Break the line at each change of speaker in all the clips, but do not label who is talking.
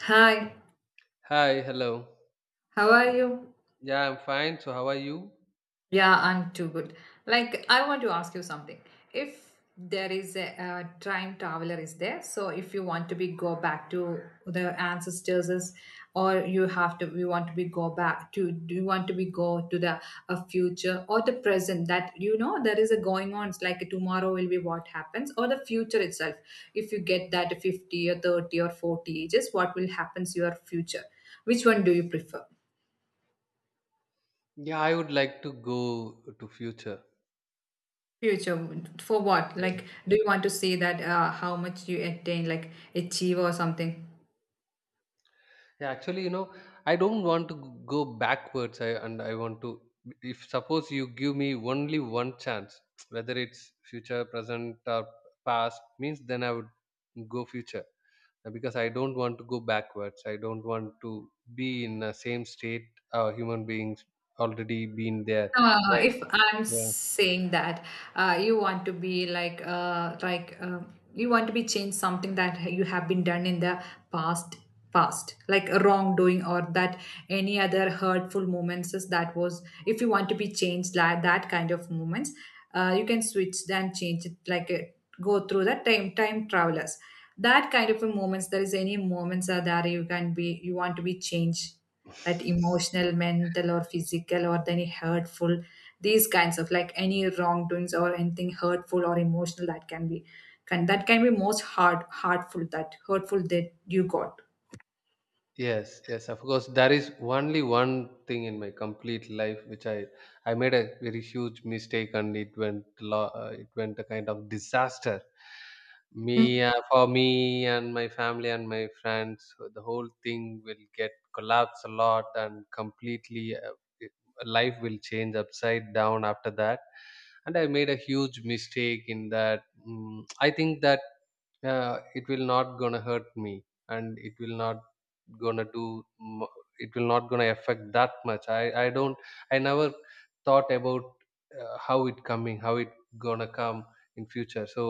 Hi,
Hi, hello.
how are you?
Yeah, I'm fine. So, how are you?
Yeah, I'm too good. Like, I want to ask you something. If there is a time traveler is there, so if you want to be go back to the ancestors, or you want to be go back to, do you want to be go to the a future or the present that you know there is a going on. It's like tomorrow will be what happens or the future itself. If you get that 50 or 30 or 40 ages, what will happens your future? Which one do you prefer?
Yeah, I would like to go to future.
Future for what? Like,
Yes.
do you want to see that how much you attain, like achieve or something?
Yeah, actually, I don't want to go backwards. I want to. If suppose you give me only one chance, whether it's future, present, or past, means then I would go future. Because I don't want to go backwards. I don't want to be in the same state, human beings already been there.
Uh,
Right.
if I'm
Yeah.
saying that you want to be like you want to be change something that you have been done in the past past like a wrongdoing, or that any other hurtful moments is that was if you want to be changed, like that kind of moments, you can switch then change it like go through the time travelers, that kind of a moments there is any moments are there, you can be you want to be changed, that emotional, mental, or physical, or any hurtful, these kinds of like any wrongdoings or anything hurtful or emotional that can be, can that can be most hard hurtful, that hurtful that you got.
Yes, yes, of course. There is only one thing in my complete life which I made a very huge mistake and it went it went a kind of disaster. Me
Mm.
For me and my family and my friends, so the whole thing will get collapse a lot and completely, it- life will change upside down after that. And I made a huge mistake in that. I think that yeah it will not gonna hurt me and it will not gonna do mu- it will not gonna affect that much. I don't, I never thought about how it coming, how it gonna come in future. So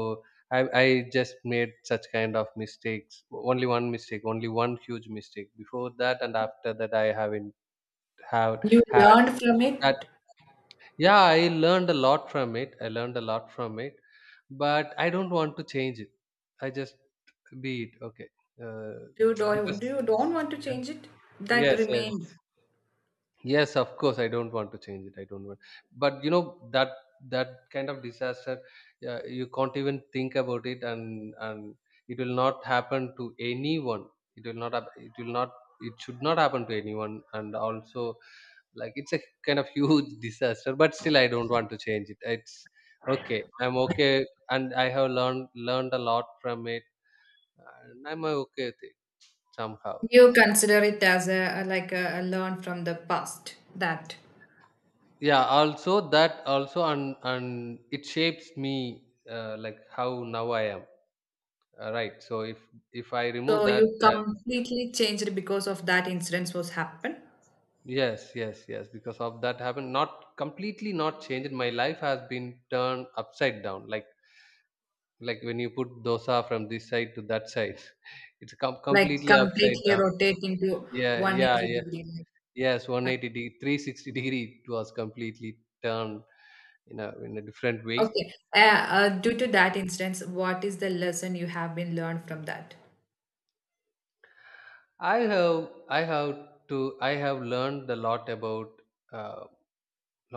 I just made such kind of mistakes. Only one mistake, only one huge mistake before that, and after that I haven't have
You
had
learned from it.
that. Yeah, I learned a lot from it. I learned a lot from it, but I don't want to change it. I just be it. Okay. Uh,
You do
because
do you don't want to
yeah,
change it. That
yes, yes,
remains.
yes. Of course, I don't want to change it. I don't want. But you know that that kind of disaster, you can't even think about it, and it will not happen to anyone. It will not. It will not. It should not happen to anyone. And also, like it's a kind of huge disaster, but still I don't want to change it. It's okay. I'm okay, and I have learned a lot from it, and I'm okay with it somehow.
You consider it as a, like a learn from the past, that.
Yeah. Also that also, and it shapes me, like how now I am. Right. So if I remove
So
that,
you
then
completely changed because of that incident was happened.
yes, yes, yes. Because of that happened, not completely not changed. My life has been turned upside down. Like when you put dosa from this side to that side, it's
Like,
completely upside
completely
down.
rotate into
Yeah, yeah,
180
yeah.
degree,
Yes,
like
180 degree, 360 degree, it was completely turned in a different way.
okay due to that instance, what is the lesson you have been learned from that?
I have i have to I have learned a lot about, uh,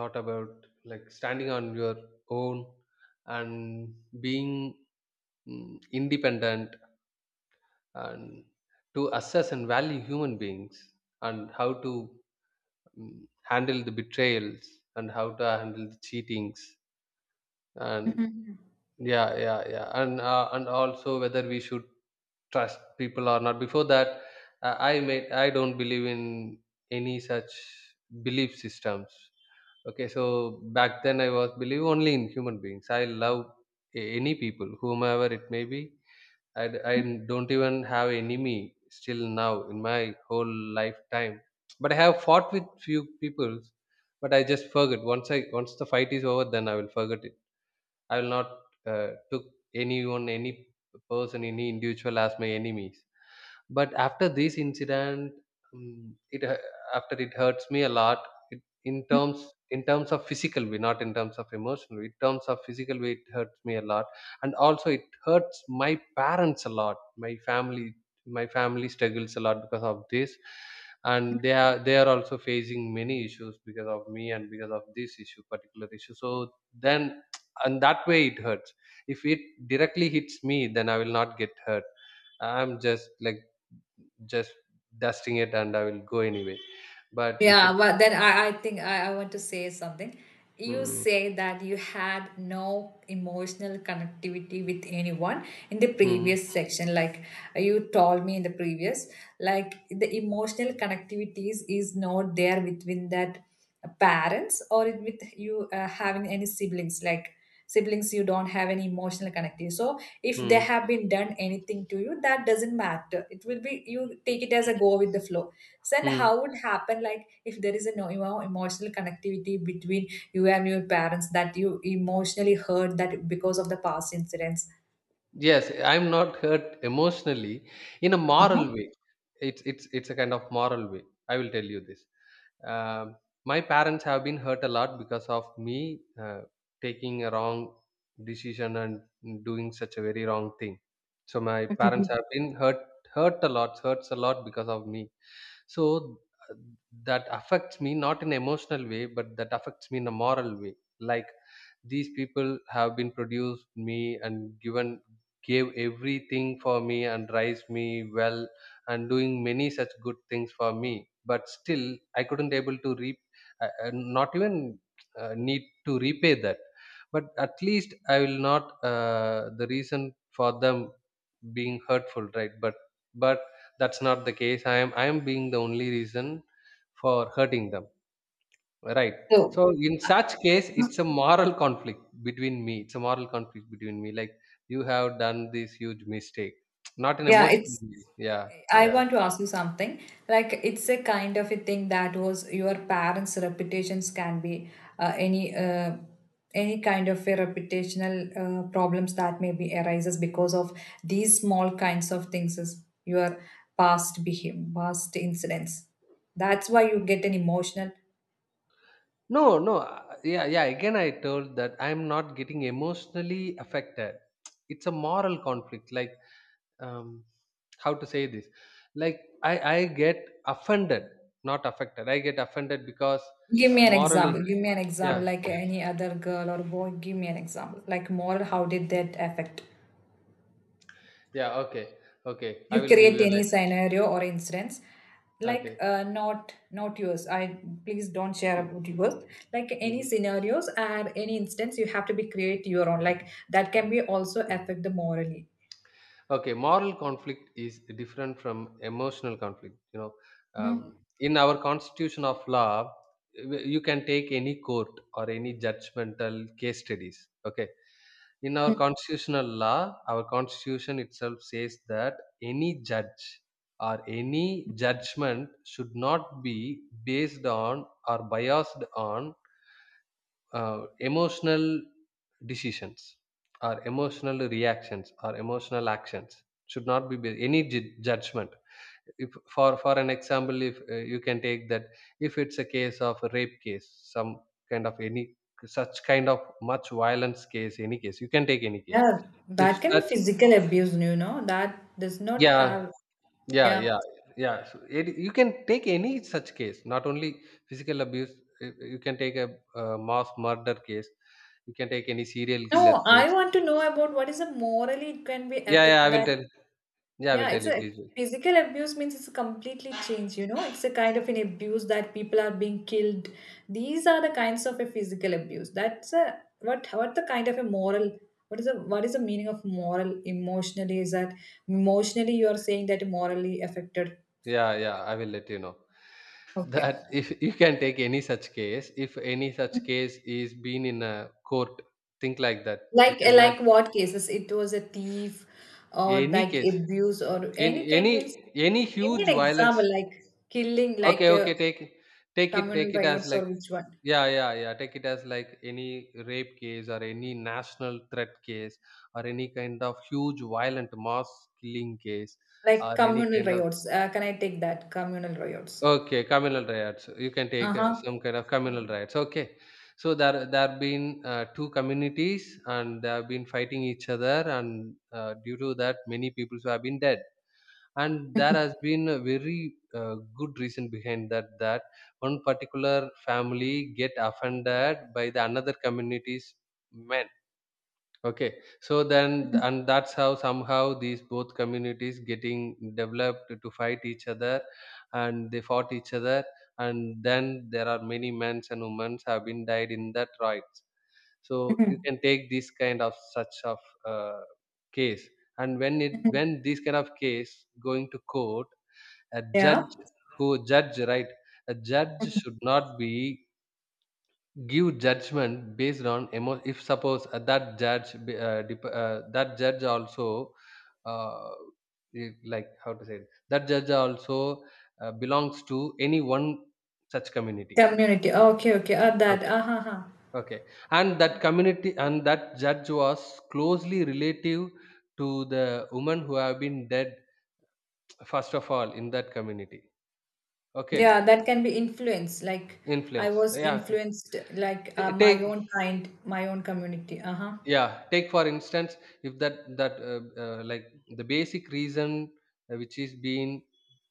lot about like standing on your own and being, independent, and to assess and value human beings, and how to, handle the betrayals and how to handle the cheatings. And
Mhm.
yeah, yeah, yeah. And and also whether we should trust people or not. Before that, I don't believe in any such belief systems. Okay, so back then I was believe only in human beings. I love any people, whomever it may be. I don't even have enemy still now in my whole lifetime. But I have fought with few people, but I just forget. Once I, once the fight is over, then I will forget it. I will not, took anyone, any person, any individual as my enemies. But after this incident, mm, it hu- after, it hurts me a lot. It, in terms of physical way, not in terms of emotional way. In terms of physical way, it hurts me a lot, and also it hurts my parents a lot. My family struggles a lot because of this, and they are also facing many issues because of me and because of this issue, particular issue. So then, and that way it hurts. If it directly hits me, then I will not get hurt. I'm just like just dusting it and I will go anyway. But if
Yeah,
it,
well then I think I want to say something. You
hmm,
say that you had no emotional connectivity with anyone in the
hmm,
previous section, like you told me in the previous, like the emotional connectivities is not there within that parents, with you having any siblings, like siblings you don't have any emotional connectivity, so if they
hmm,
have been done anything to you, that doesn't matter, it will be you take it as a go with the flow. So and how
hmm.
would happen, like if there is a no, you know, emotional connectivity between you and your parents that you emotionally hurt that because of the past incidents.
Yes, I'm not hurt emotionally in a moral way. It's it's a kind of moral way. I will tell you this. Um, my parents have been hurt a lot because of me, taking a wrong decision and doing such a very wrong thing. So my parents
Mhm.
have been hurt a lot, hurts a lot because of me. So uh, that affects me not in emotional way, but that affects me in a moral way. Like, these people have been produced me and given gave everything for me and raised me well and doing many such good things for me, but still I couldn't able to reap, not even, need to repay that. But at least I will not, the reason for them being hurtful, right? But that's not the case. I am being the only reason for hurting them, right? So
So
in such case it's a moral conflict between me. It's a moral conflict between me. Like, you have done this huge mistake, not an
yeah,
emotional
it's,
way. Yeah
I
yeah,
want to ask you something. Like, it's a kind of a thing that was your parents' reputations can be, uh, any uh, any kind of a reputational problems that maybe arises because of these small kinds of things is your past behavior, past incidents. That's why you get an emotional.
no no, yeah yeah, again I told that I'm not getting emotionally affected. It's a moral conflict. Like, um how to say this. Like, I get offended, not affected. I get offended because,
Give me an
morally.
example. Give me an
Yeah.
example, like any other girl or boy. Give me an example. Like moral, how did that affect?
Yeah, okay. Okay, I
You
will give
create
you an
any
idea.
scenario or instance, like
Okay.
not not yours. I please don't share about yours. Like any
Mhm.
scenarios and any instance, you have to be create your own. Like that can be also affect the morally.
Okay. Moral conflict is different from emotional conflict. You know,
Mhm.
um, in our constitution of law, you can take any court or any judgmental case studies. Okay. In our
Mm.
constitutional law, our constitution itself says that any judge or any judgment should not be based on or biased on, emotional decisions or emotional reactions or emotional actions should not be based, any judgment. If, for an example, if, you can take that, if it's a case of a rape case, some kind of any such kind of much violence case, any case, you can take any case.
Yeah,
If
that can be
such,
physical abuse, you know. That does not
yeah,
have.
yeah,
Yeah.
yeah, yeah. So it, you can take any such case, not only physical abuse. You can take a, mass murder case. You can take any serial killer
No, I
case.
want to know about what is the morally it can be
Yeah, yeah.
affect
I will
that.
tell. Yeah, I will
Yeah,
tell
it's
you.
a
Please.
physical abuse means it's completely changed, you know. It's a kind of an abuse that people are being killed. These are the kinds of a physical abuse. That's a what the kind of a moral, what is the, what is the meaning of moral emotionally is that emotionally you are saying that morally affected.
Yeah, yeah. I will let you know
Okay.
that if you can take any such case, if any such case is been in a court, think like that. You
Like
can
like
imagine
what cases? It was a thief or
any
like
case,
abuse or
in
any kind means
any
give me an
huge violence.
example, like killing, like
Okay, okay. Take,
communal
take it as
riots or
like,
which one?
yeah, yeah, yeah. Take it as like any rape case or any national threat case or any kind of huge violent mass killing case or
Like
any
communal
kind of,
riots. Can I take that? Communal riots.
okay, communal riots. You can take,
Uh-huh.
some kind of communal riots. Okay, so there have been, two communities and they have been fighting each other, and due to that many people have been dead. And there has been a very, good reason behind that, that one particular family get offended by the another community's men. Okay. So then, and that's how somehow these both communities getting developed to fight each other, and they fought each other. And then there are many men and women have been died in that riots. So you can take this kind of such of, uh, case, and when it, when this kind of case going to court, a
Yeah.
judge who judge, right? A judge should not be give judgment based on emo. If suppose, that judge, that judge also, uh, like how to say it, that judge also, belongs to any one such community.
Community. Okay, okay. That.
Okay,
Uh-huh, huh, huh.
okay, and that community and that judge was closely relative to the women who have been dead first of all in that community. Okay,
Yeah, that can be influence. Like, I
influence.
was
Yeah,
influenced like my
take,
own kind, my own community. Uh-huh.
yeah, take for instance, if that, like, the basic reason, which is being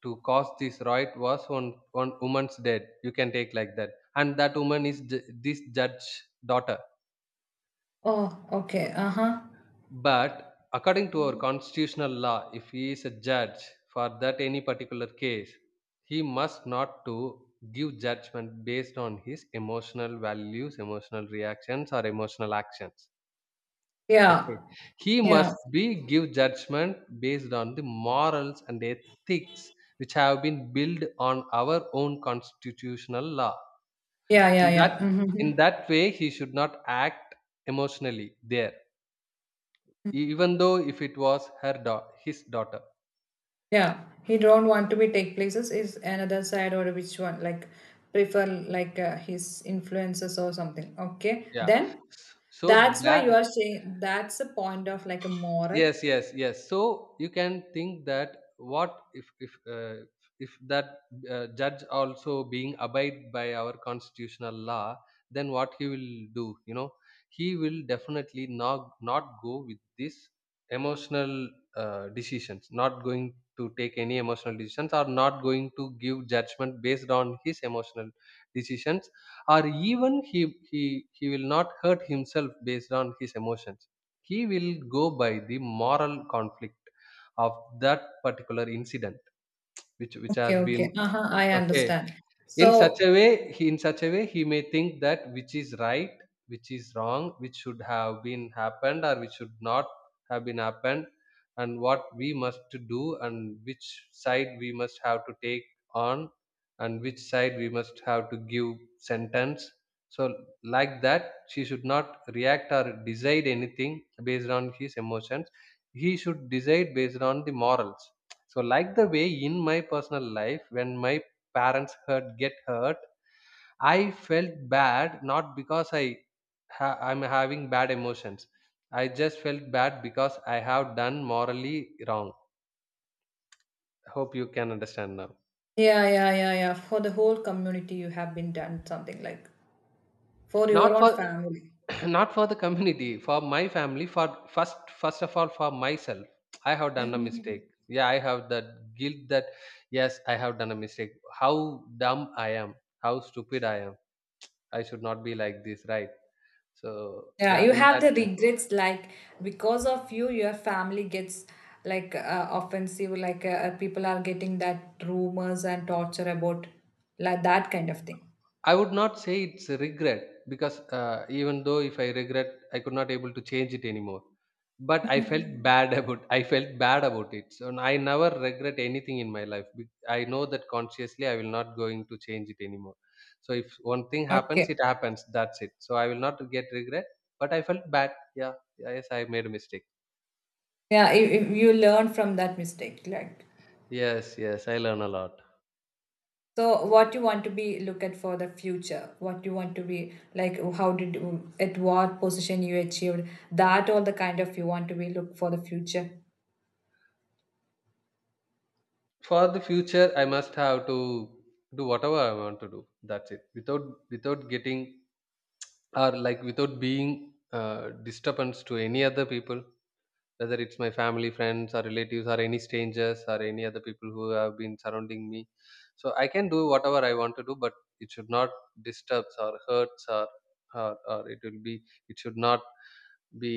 to cause this riot was one one woman's death, you can take like that. And that woman is this judge daughter.
Oh, okay. Uh-huh.
But according to our constitutional law, if he is a judge for that any particular case, he must not to give judgment based on his emotional values, emotional reactions or emotional actions.
Yeah.
Okay. He
Yeah.
must be give judgment based on the morals and ethics which have been built on our own constitutional law.
Yeah, yeah,
In
yeah.
that in
Mm-hmm.
that way he should not act emotionally there. Even though if it was her daughter, his daughter.
Yeah, he don't want to be take places is another side or which one, like prefer like his influences or something. Okay,
Yeah.
then
So
that's why you
that,
are saying that's a point of like a moral.
yes, so you can think that what if if that judge also being abide by our constitutional law, then what he will do, you know, he will definitely not go with this emotional decisions, not going to take any emotional decisions or not going to give judgment based on his emotional decisions, or even he he will not hurt himself based on his emotions. He will go by the moral conflict of that particular incident, which has
Okay, okay,
been
uh huh, I
okay.
understand.
In such
So
a way, he may think that which is right, which is wrong, which should have been happened or which should not have been happened, and what we must to do and which side we must have to take on and which side we must have to give sentence. So like that, she should not react or decide anything based on his emotions. He should decide based on the morals. So like the way in my personal life, when my parents hurt get hurt, I felt bad, not because I'm having bad emotions. I just felt bad because I have done morally wrong. Hope you can understand now.
yeah, yeah, yeah, yeah. For the whole community, you have been done something like for your
Not
own
for
family.
not for the community, for my family, for first of all for myself, I have done a mistake. Yeah, I have that guilt that yes, I have done a mistake. How dumb I am, how stupid I am. I should not be like this, right? So
Yeah,
yeah,
you
in
have
that
the
way.
regrets, like because of you, your family gets, like offensive, like people are getting that rumors and torture about, like that kind of thing.
I would not say it's a regret because even though if I regret, I could not able to change it anymore. But I felt bad about I felt bad about it. So I never regret anything in my life. I know that consciously I will not going to change it anymore. So if one thing happens, it
Okay.
happens. That's it. So I will not get regret. But I felt bad. Yeah. Yes, I made a mistake.
Yeah, if you learn from that mistake, like,
Yes. Yes. I learn a lot.
so what you want to be look at for the future, what you want to be like, how did you, at what position you achieved that, all the kind of you want to be look for the future.
For the future, I must have to do whatever I want to do. That's it. Without getting, or like without being disturbance to any other people, whether it's my family, friends or relatives or any strangers or any other people who have been surrounding me. So I can do whatever I want to do, but it should not disturbs or hurts or or it will be, it should not be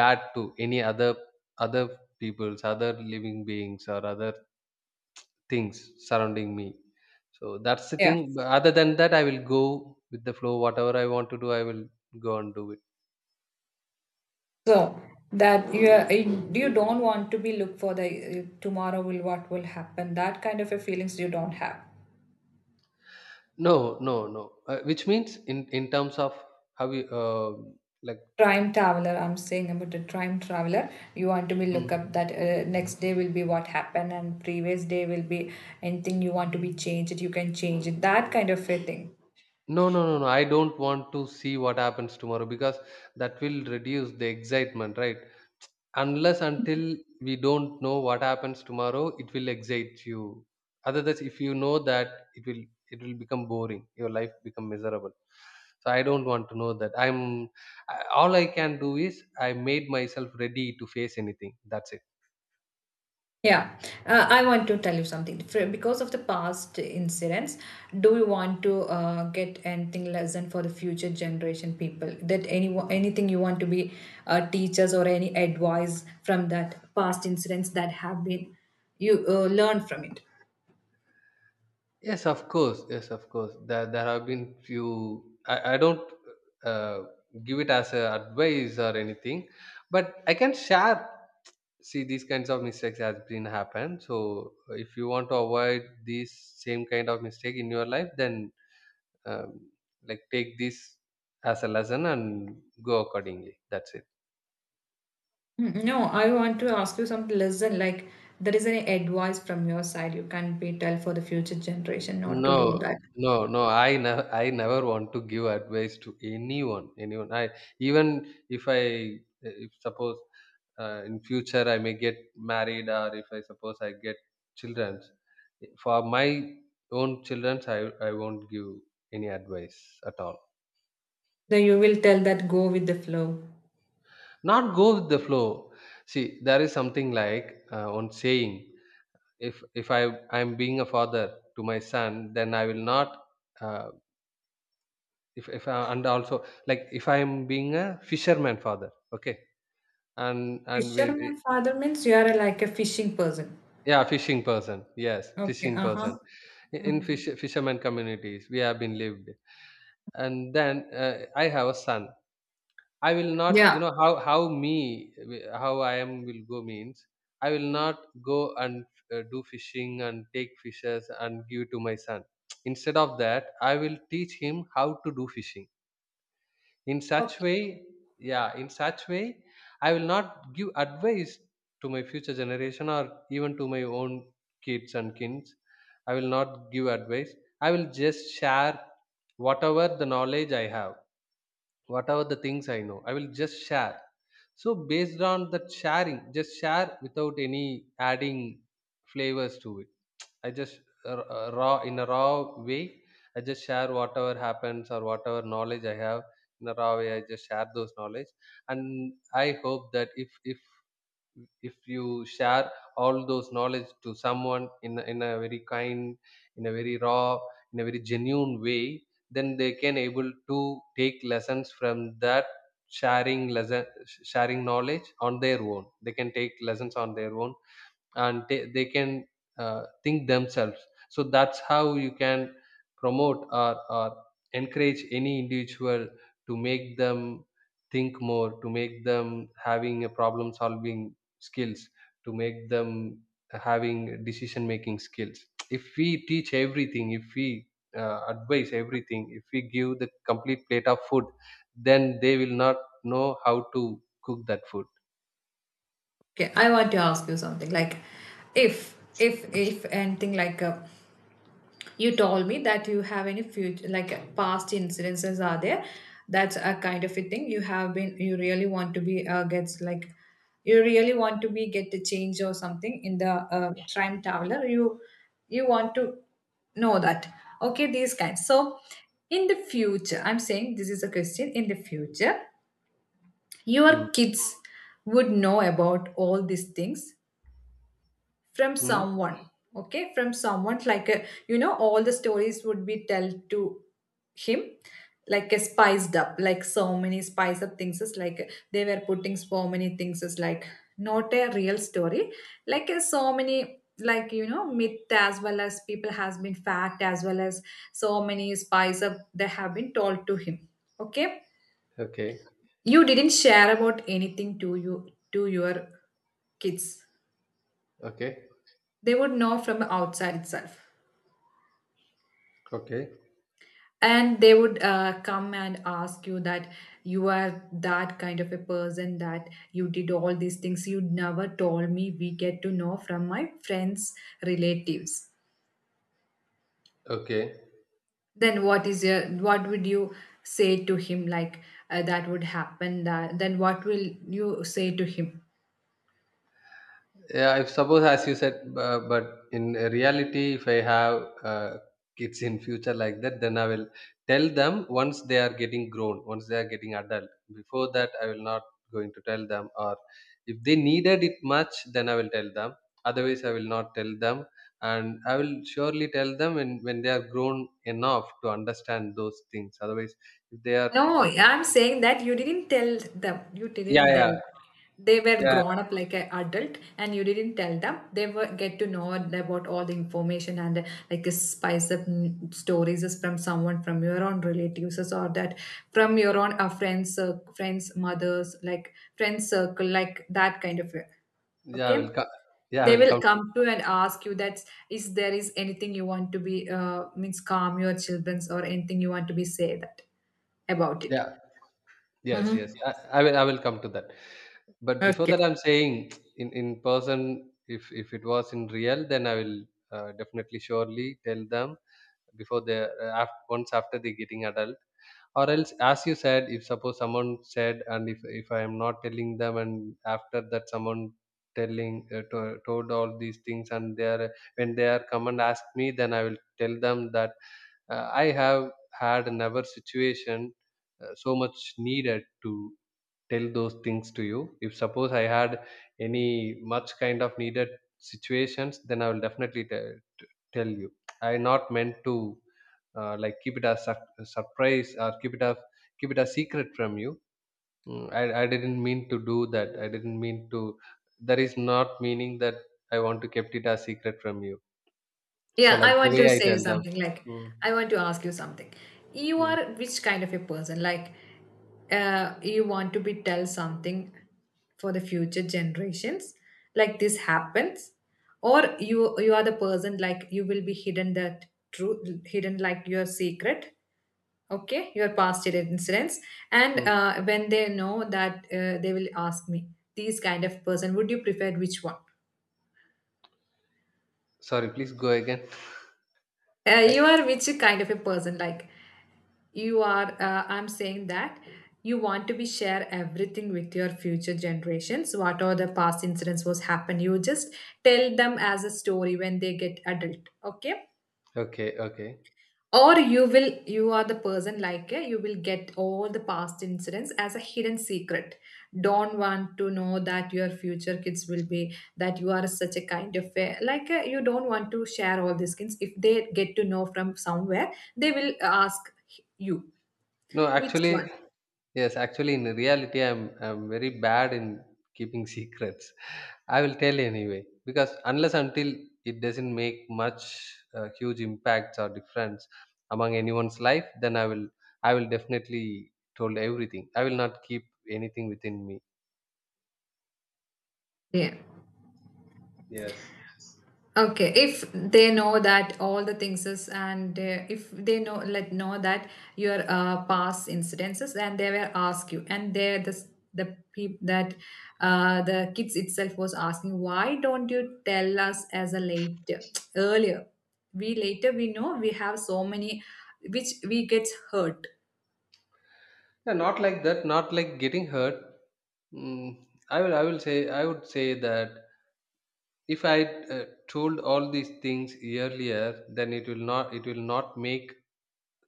bad to any other other people's, other living beings or other things surrounding me. So that's the
Yeah.
thing, but other than that, I will go with the flow. Whatever I want to do, I will go and do it.
So that you are, you don't want to be look for the tomorrow will what will happen, that kind of a feelings you don't have.
No, no, no. Which means in terms of how you like.
Time traveler, I'm saying about the time traveler. You want to be look
Mm.
up that next day will be what happened and previous day will be anything you want to be changed. You can change it. That kind of a thing.
No, no, no, no. I don't want to see what happens tomorrow because that will reduce the excitement, right? Unless until we don't know what happens tomorrow, it will excite you. Otherwise, if you know that, it will become boring. Your life become miserable. So I don't want to know that. All I can do is I made myself ready to face anything. That's it.
Yeah, I want to tell you something. For, because of the past incidents, do you want to get anything lesson for the future generation people? That any anything you want to be teachers or any advice from that past incidents that have been you learn from it.
Yes, of course. Yes, of course. There have been few. I don't uh, give it as a advice or anything, but I can share. See, these kinds of mistakes has been happen. So, if you want to avoid this same kind of mistake in your life, then um, like take this as a lesson and go accordingly. That's it.
Mm, no, I want to ask you some lesson. Like, there is any advice from your side you can be tell for the future generation not to do
No,
that.
no, no. I never want to give advice to anyone. Anyone. I even if I if suppose in future I may get married, or if I suppose I get children, for my own children, I won't give any advice at all.
Then you will tell that go with the flow.
Not go with the flow. See, there is something like one saying, if I'm being a father to my son, then I will not uh, if if I, and also like if I am being a fisherman father, okay, and and with,
Fisherman father means you are like a fishing person.
Yeah, fishing person. Yes,
Okay,
fishing
uh
person.
huh.
In fisherman communities, we have been lived, and then I have a son. I will not, you
Yeah.
know, how me, how I am will go, means I will not go and do fishing and take fishes and give to my son. Instead of that, I will teach him how to do fishing in such
Okay.
way. Yeah, in such way, I will not give advice to my future generation, or even to my own kids and kins. I will not give advice. I will just share whatever the knowledge I have, whatever the things I know, I will just share. So based on that sharing, just share without any adding flavors to it. Raw, in a raw way. I just share whatever happens or whatever knowledge I have in a raw way. I just share those knowledge, and I hope that if if you share all those knowledge to someone in a very kind, in a very raw, in a very genuine way, then they can able to take lessons from that sharing lesson sharing knowledge on their own. They can take lessons on their own, and they can think themselves. So that's how you can promote or encourage any individual, to make them think more, to make them having a problem solving skills, to make them having decision making skills. If we teach everything, if we advise everything, if we give the complete plate of food, then they will not know how to cook that food.
Okay. I want to ask you something. Like, if anything like a, you told me that you have any future like past incidences are there, that's a kind of a thing you have been, you really want to be gets like, you really want to be get a change or something in the time traveler, you want to know that okay these kinds, so in the future, I'm saying this is a question, in the future
Hmm.
your kids would know about all these things from
Hmm.
someone, okay, from someone like a, you know, all the stories would be told to him like a spiced up, like so many spice up things is like they were putting so many things is like not a real story, like so many, like, you know, myth as well as people has been fact as well as so many spice up they have been told to him, okay.
Okay,
You didn't share about anything to you to your kids,
okay.
they would know from outside itself,
Okay.
and they would come and ask you that you are that kind of a person that you did all these things, you never told me, we get to know from my friends, relatives.
Okay.
Then what is your, what would you say to him, like that would happen, that then what will you say to him?
Yeah, I suppose as you said, but in reality, if I have kids in future like that, then I will tell them once they are getting grown, once they are getting adult. Before that, I will not going to tell them. Or if they needed it much, then I will tell them. Otherwise, I will not tell them. And I will surely tell them when they are grown enough to understand those things. Otherwise, if they are,
No,
uh,
I'm saying that you didn't tell them. You
yeah,
didn't
yeah,
tell. They were
yeah,
grown up like an adult, and you didn't tell them. They were get to know about all the information and like spice up, mm, stories is from someone from your own relatives or that from your own friends, friends, mothers, like friends circle, like that kind of,
yeah, I
okay,
will come. Yeah, I
they
will
will
come. To,
come to and ask you that is there is anything you want to be means calm your children's or anything you want to be say that about it.
yeah, Yes, yes.
Hmm.
I will come to that. But before
Okay,
that, I'm saying in person, if it was in real, then I will definitely surely tell them before they after, once after they getting adult. Or else, as you said, if suppose someone said, and if I am not telling them, and after that someone telling told all these things, and they are when they are come and ask me, then I will tell them that I have had never situation so much needed to tell those things to you. If suppose I had any much kind of needed situations, then I will definitely tell you. I not meant to like keep it as surprise, or keep it as keep it a secret from you. Mm, I didn't mean to do that. I didn't mean to That is not meaning that I want to kept it a secret from you. So
yeah,
like
I
the
want
way
to
I
say
tell them.
something, like,
Mm,
I want to ask you something. You
mm,
are which kind of a person, like you want to be tell something for the future generations, like this happens, or you are the person like you will be hidden that truth, hidden like your secret, okay, your past year incidents, and
mm.
when they know that they will ask me, these kind of person would you prefer, which one?
Sorry, please go again. I,
You are which kind of a person, like you are, I'm saying that you want to be share everything with your future generations, what are the past incidents was happened, you just tell them as a story when they get adult, okay,
okay, okay.
or you will, you are the person like, eh, you will get all the past incidents as a hidden secret, don't want to know that your future kids will be that you are such a kind of, eh, like, eh, you don't want to share all these things, if they get to know from somewhere, they will ask you,
No,
which
actually,
one?
Yes, actually, in reality, I'm very bad in keeping secrets. I will tell anyway because unless until it doesn't make much huge impacts or difference among anyone's life, then I will definitely told everything. I will not keep anything within me.
Yeah.
Yes,
Okay, if they know that all the things is, and if they know, let know that your past incidences, and they will ask you, and they, this, the peop that the kids itself was asking why don't you tell us as a later, earlier, we later we know, we have so many, which we gets hurt.
yeah, not like that. Not like getting hurt. Mm, I will say, I would say that if I told all these things earlier, then it will not make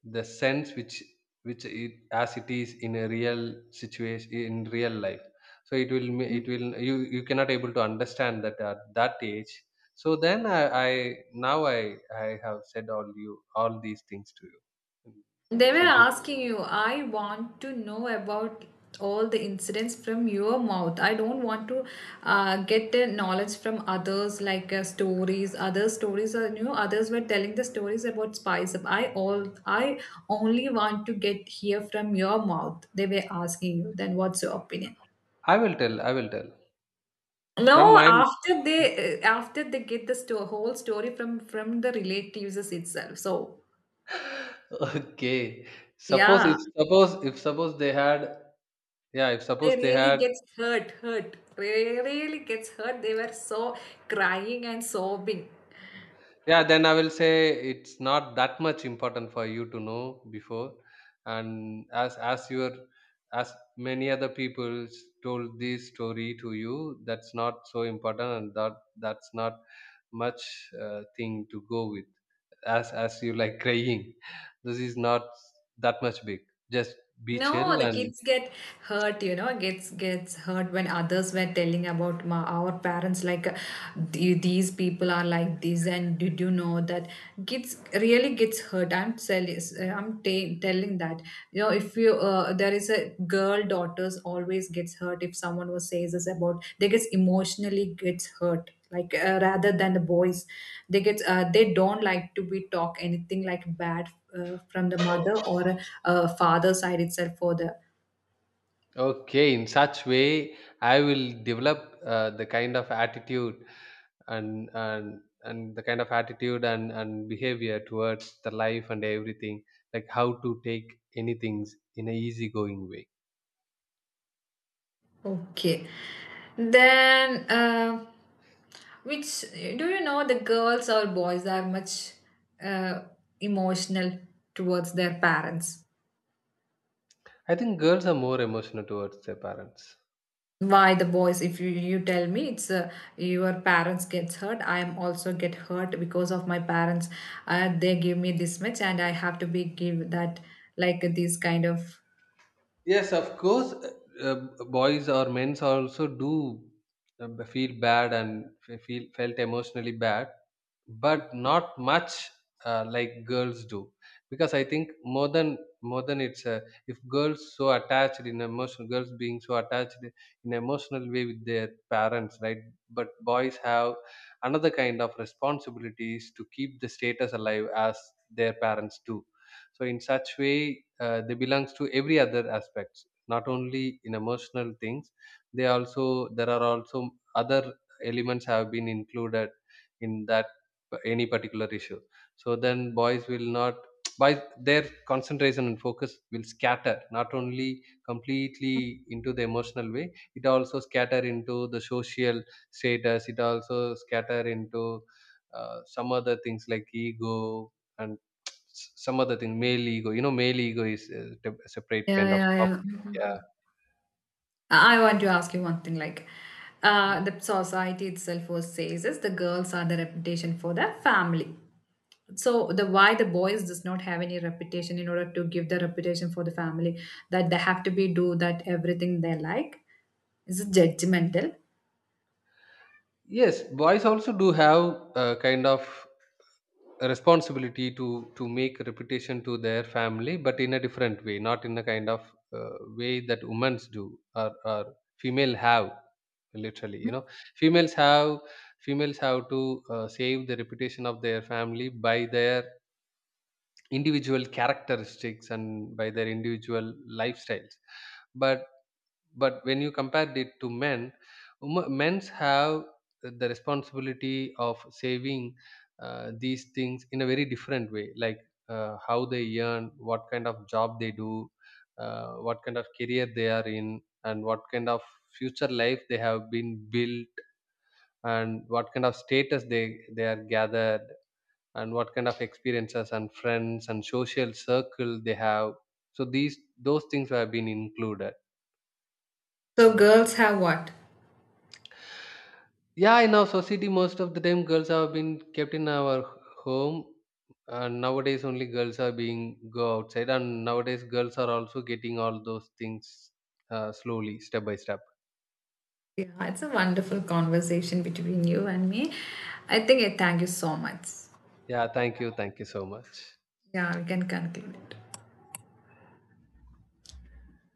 the sense which it as it is in a real situation in real life. So it will it will, you cannot able to understand that at that age. So then I now I have said all you all these things to you.
They were
So this
asking you, I want to know about all the incidents from your mouth. I don't want to get the knowledge from others, like stories. Other stories are, you know, others were telling the stories about spice up. I all, I only want to get here from your mouth. They were asking you. Then what's your opinion?
I will tell, I will tell from
No,
my
after they get the sto- whole story from the relatives itself. So
okay, suppose,
yeah.
if suppose, if suppose they had yeah, if
They
suppose they
really
had,
gets hurt, hurt. They really gets hurt. They were so crying and sobbing.
Yeah, then I will say it's not that much important for you to know before, and as your as many other people told this story to you, that's not so important, and that that's not much thing to go with. As you like crying, this is not that much big. Just be chill
No, the
and
kids get hurt, you know, gets gets hurt when others were telling about my, our parents, like "The- "these people are like this and did you know that," kids really gets hurt. I'm telling, I'm ta telling that, you know, if you there is a girl, daughters always gets hurt if someone was says this about, they gets emotionally gets hurt, like rather than the boys, they get they don't like to be talk anything like bad from the mother or father side itself for the,
okay. In such way, I will develop the kind of attitude and the kind of attitude and behavior towards the life and everything, like how to take anything in a easygoing way.
okay. Then which do you know, the girls or boys are much uh, emotional towards their parents?
I think girls are more emotional towards their parents.
Why the boys, if you, you tell me it's your parents gets hurt, I am also get hurt because of my parents, they give me this much and I have to be give that, like this kind of,
Yes, of course, uh, boys or men's also do feel bad and feel felt emotionally bad, but not much like girls do, because I think more than it's if girls being so attached in emotional way with their parents, right? But boys have another kind of responsibilities to keep the status alive as their parents do. So in such way, they belongs to every other aspects, not only in emotional things. They also, there are also other elements have been included in that any particular issue. So then boys will not by their concentration and focus will scatter not only completely into the emotional way. It also scatter into the social status. It also scatter into some other things like ego, and S some other thing, male ego. You know, male ego is a tep separate
yeah,
kind of
yeah,
topic.
yeah.
Yeah.
I want to ask you one thing, like
Mm.
the society itself was says is the girls are the reputation for the family. So the why the boys does not have any reputation in order to give the reputation for the family, that they have to be do that everything they like, is it judgmental.
Yes, boys also do have a kind of a responsibility to make a reputation to their family, but in a different way, not in a kind of uh, way that women's do, or female have. Literally, you know, females have females have to save the reputation of their family by their individual characteristics and by their individual lifestyles. But when you compare it to men, men's have the responsibility of saving these things in a very different way, like how they earn, what kind of job they do, what kind of career they are in, and what kind of future life they have been built, and what kind of status they are gathered, and what kind of experiences and friends and social circle they have. So these those things have been included.
So girls have what?
Yeah, in our society, most of the time, girls have been kept in our home, and nowadays only girls are being go outside, and nowadays girls are also getting all those things slowly, step by step.
Yeah, it's a wonderful conversation between you and me. I think I thank you so much.
Yeah, thank you so much.
Yeah, we can conclude it.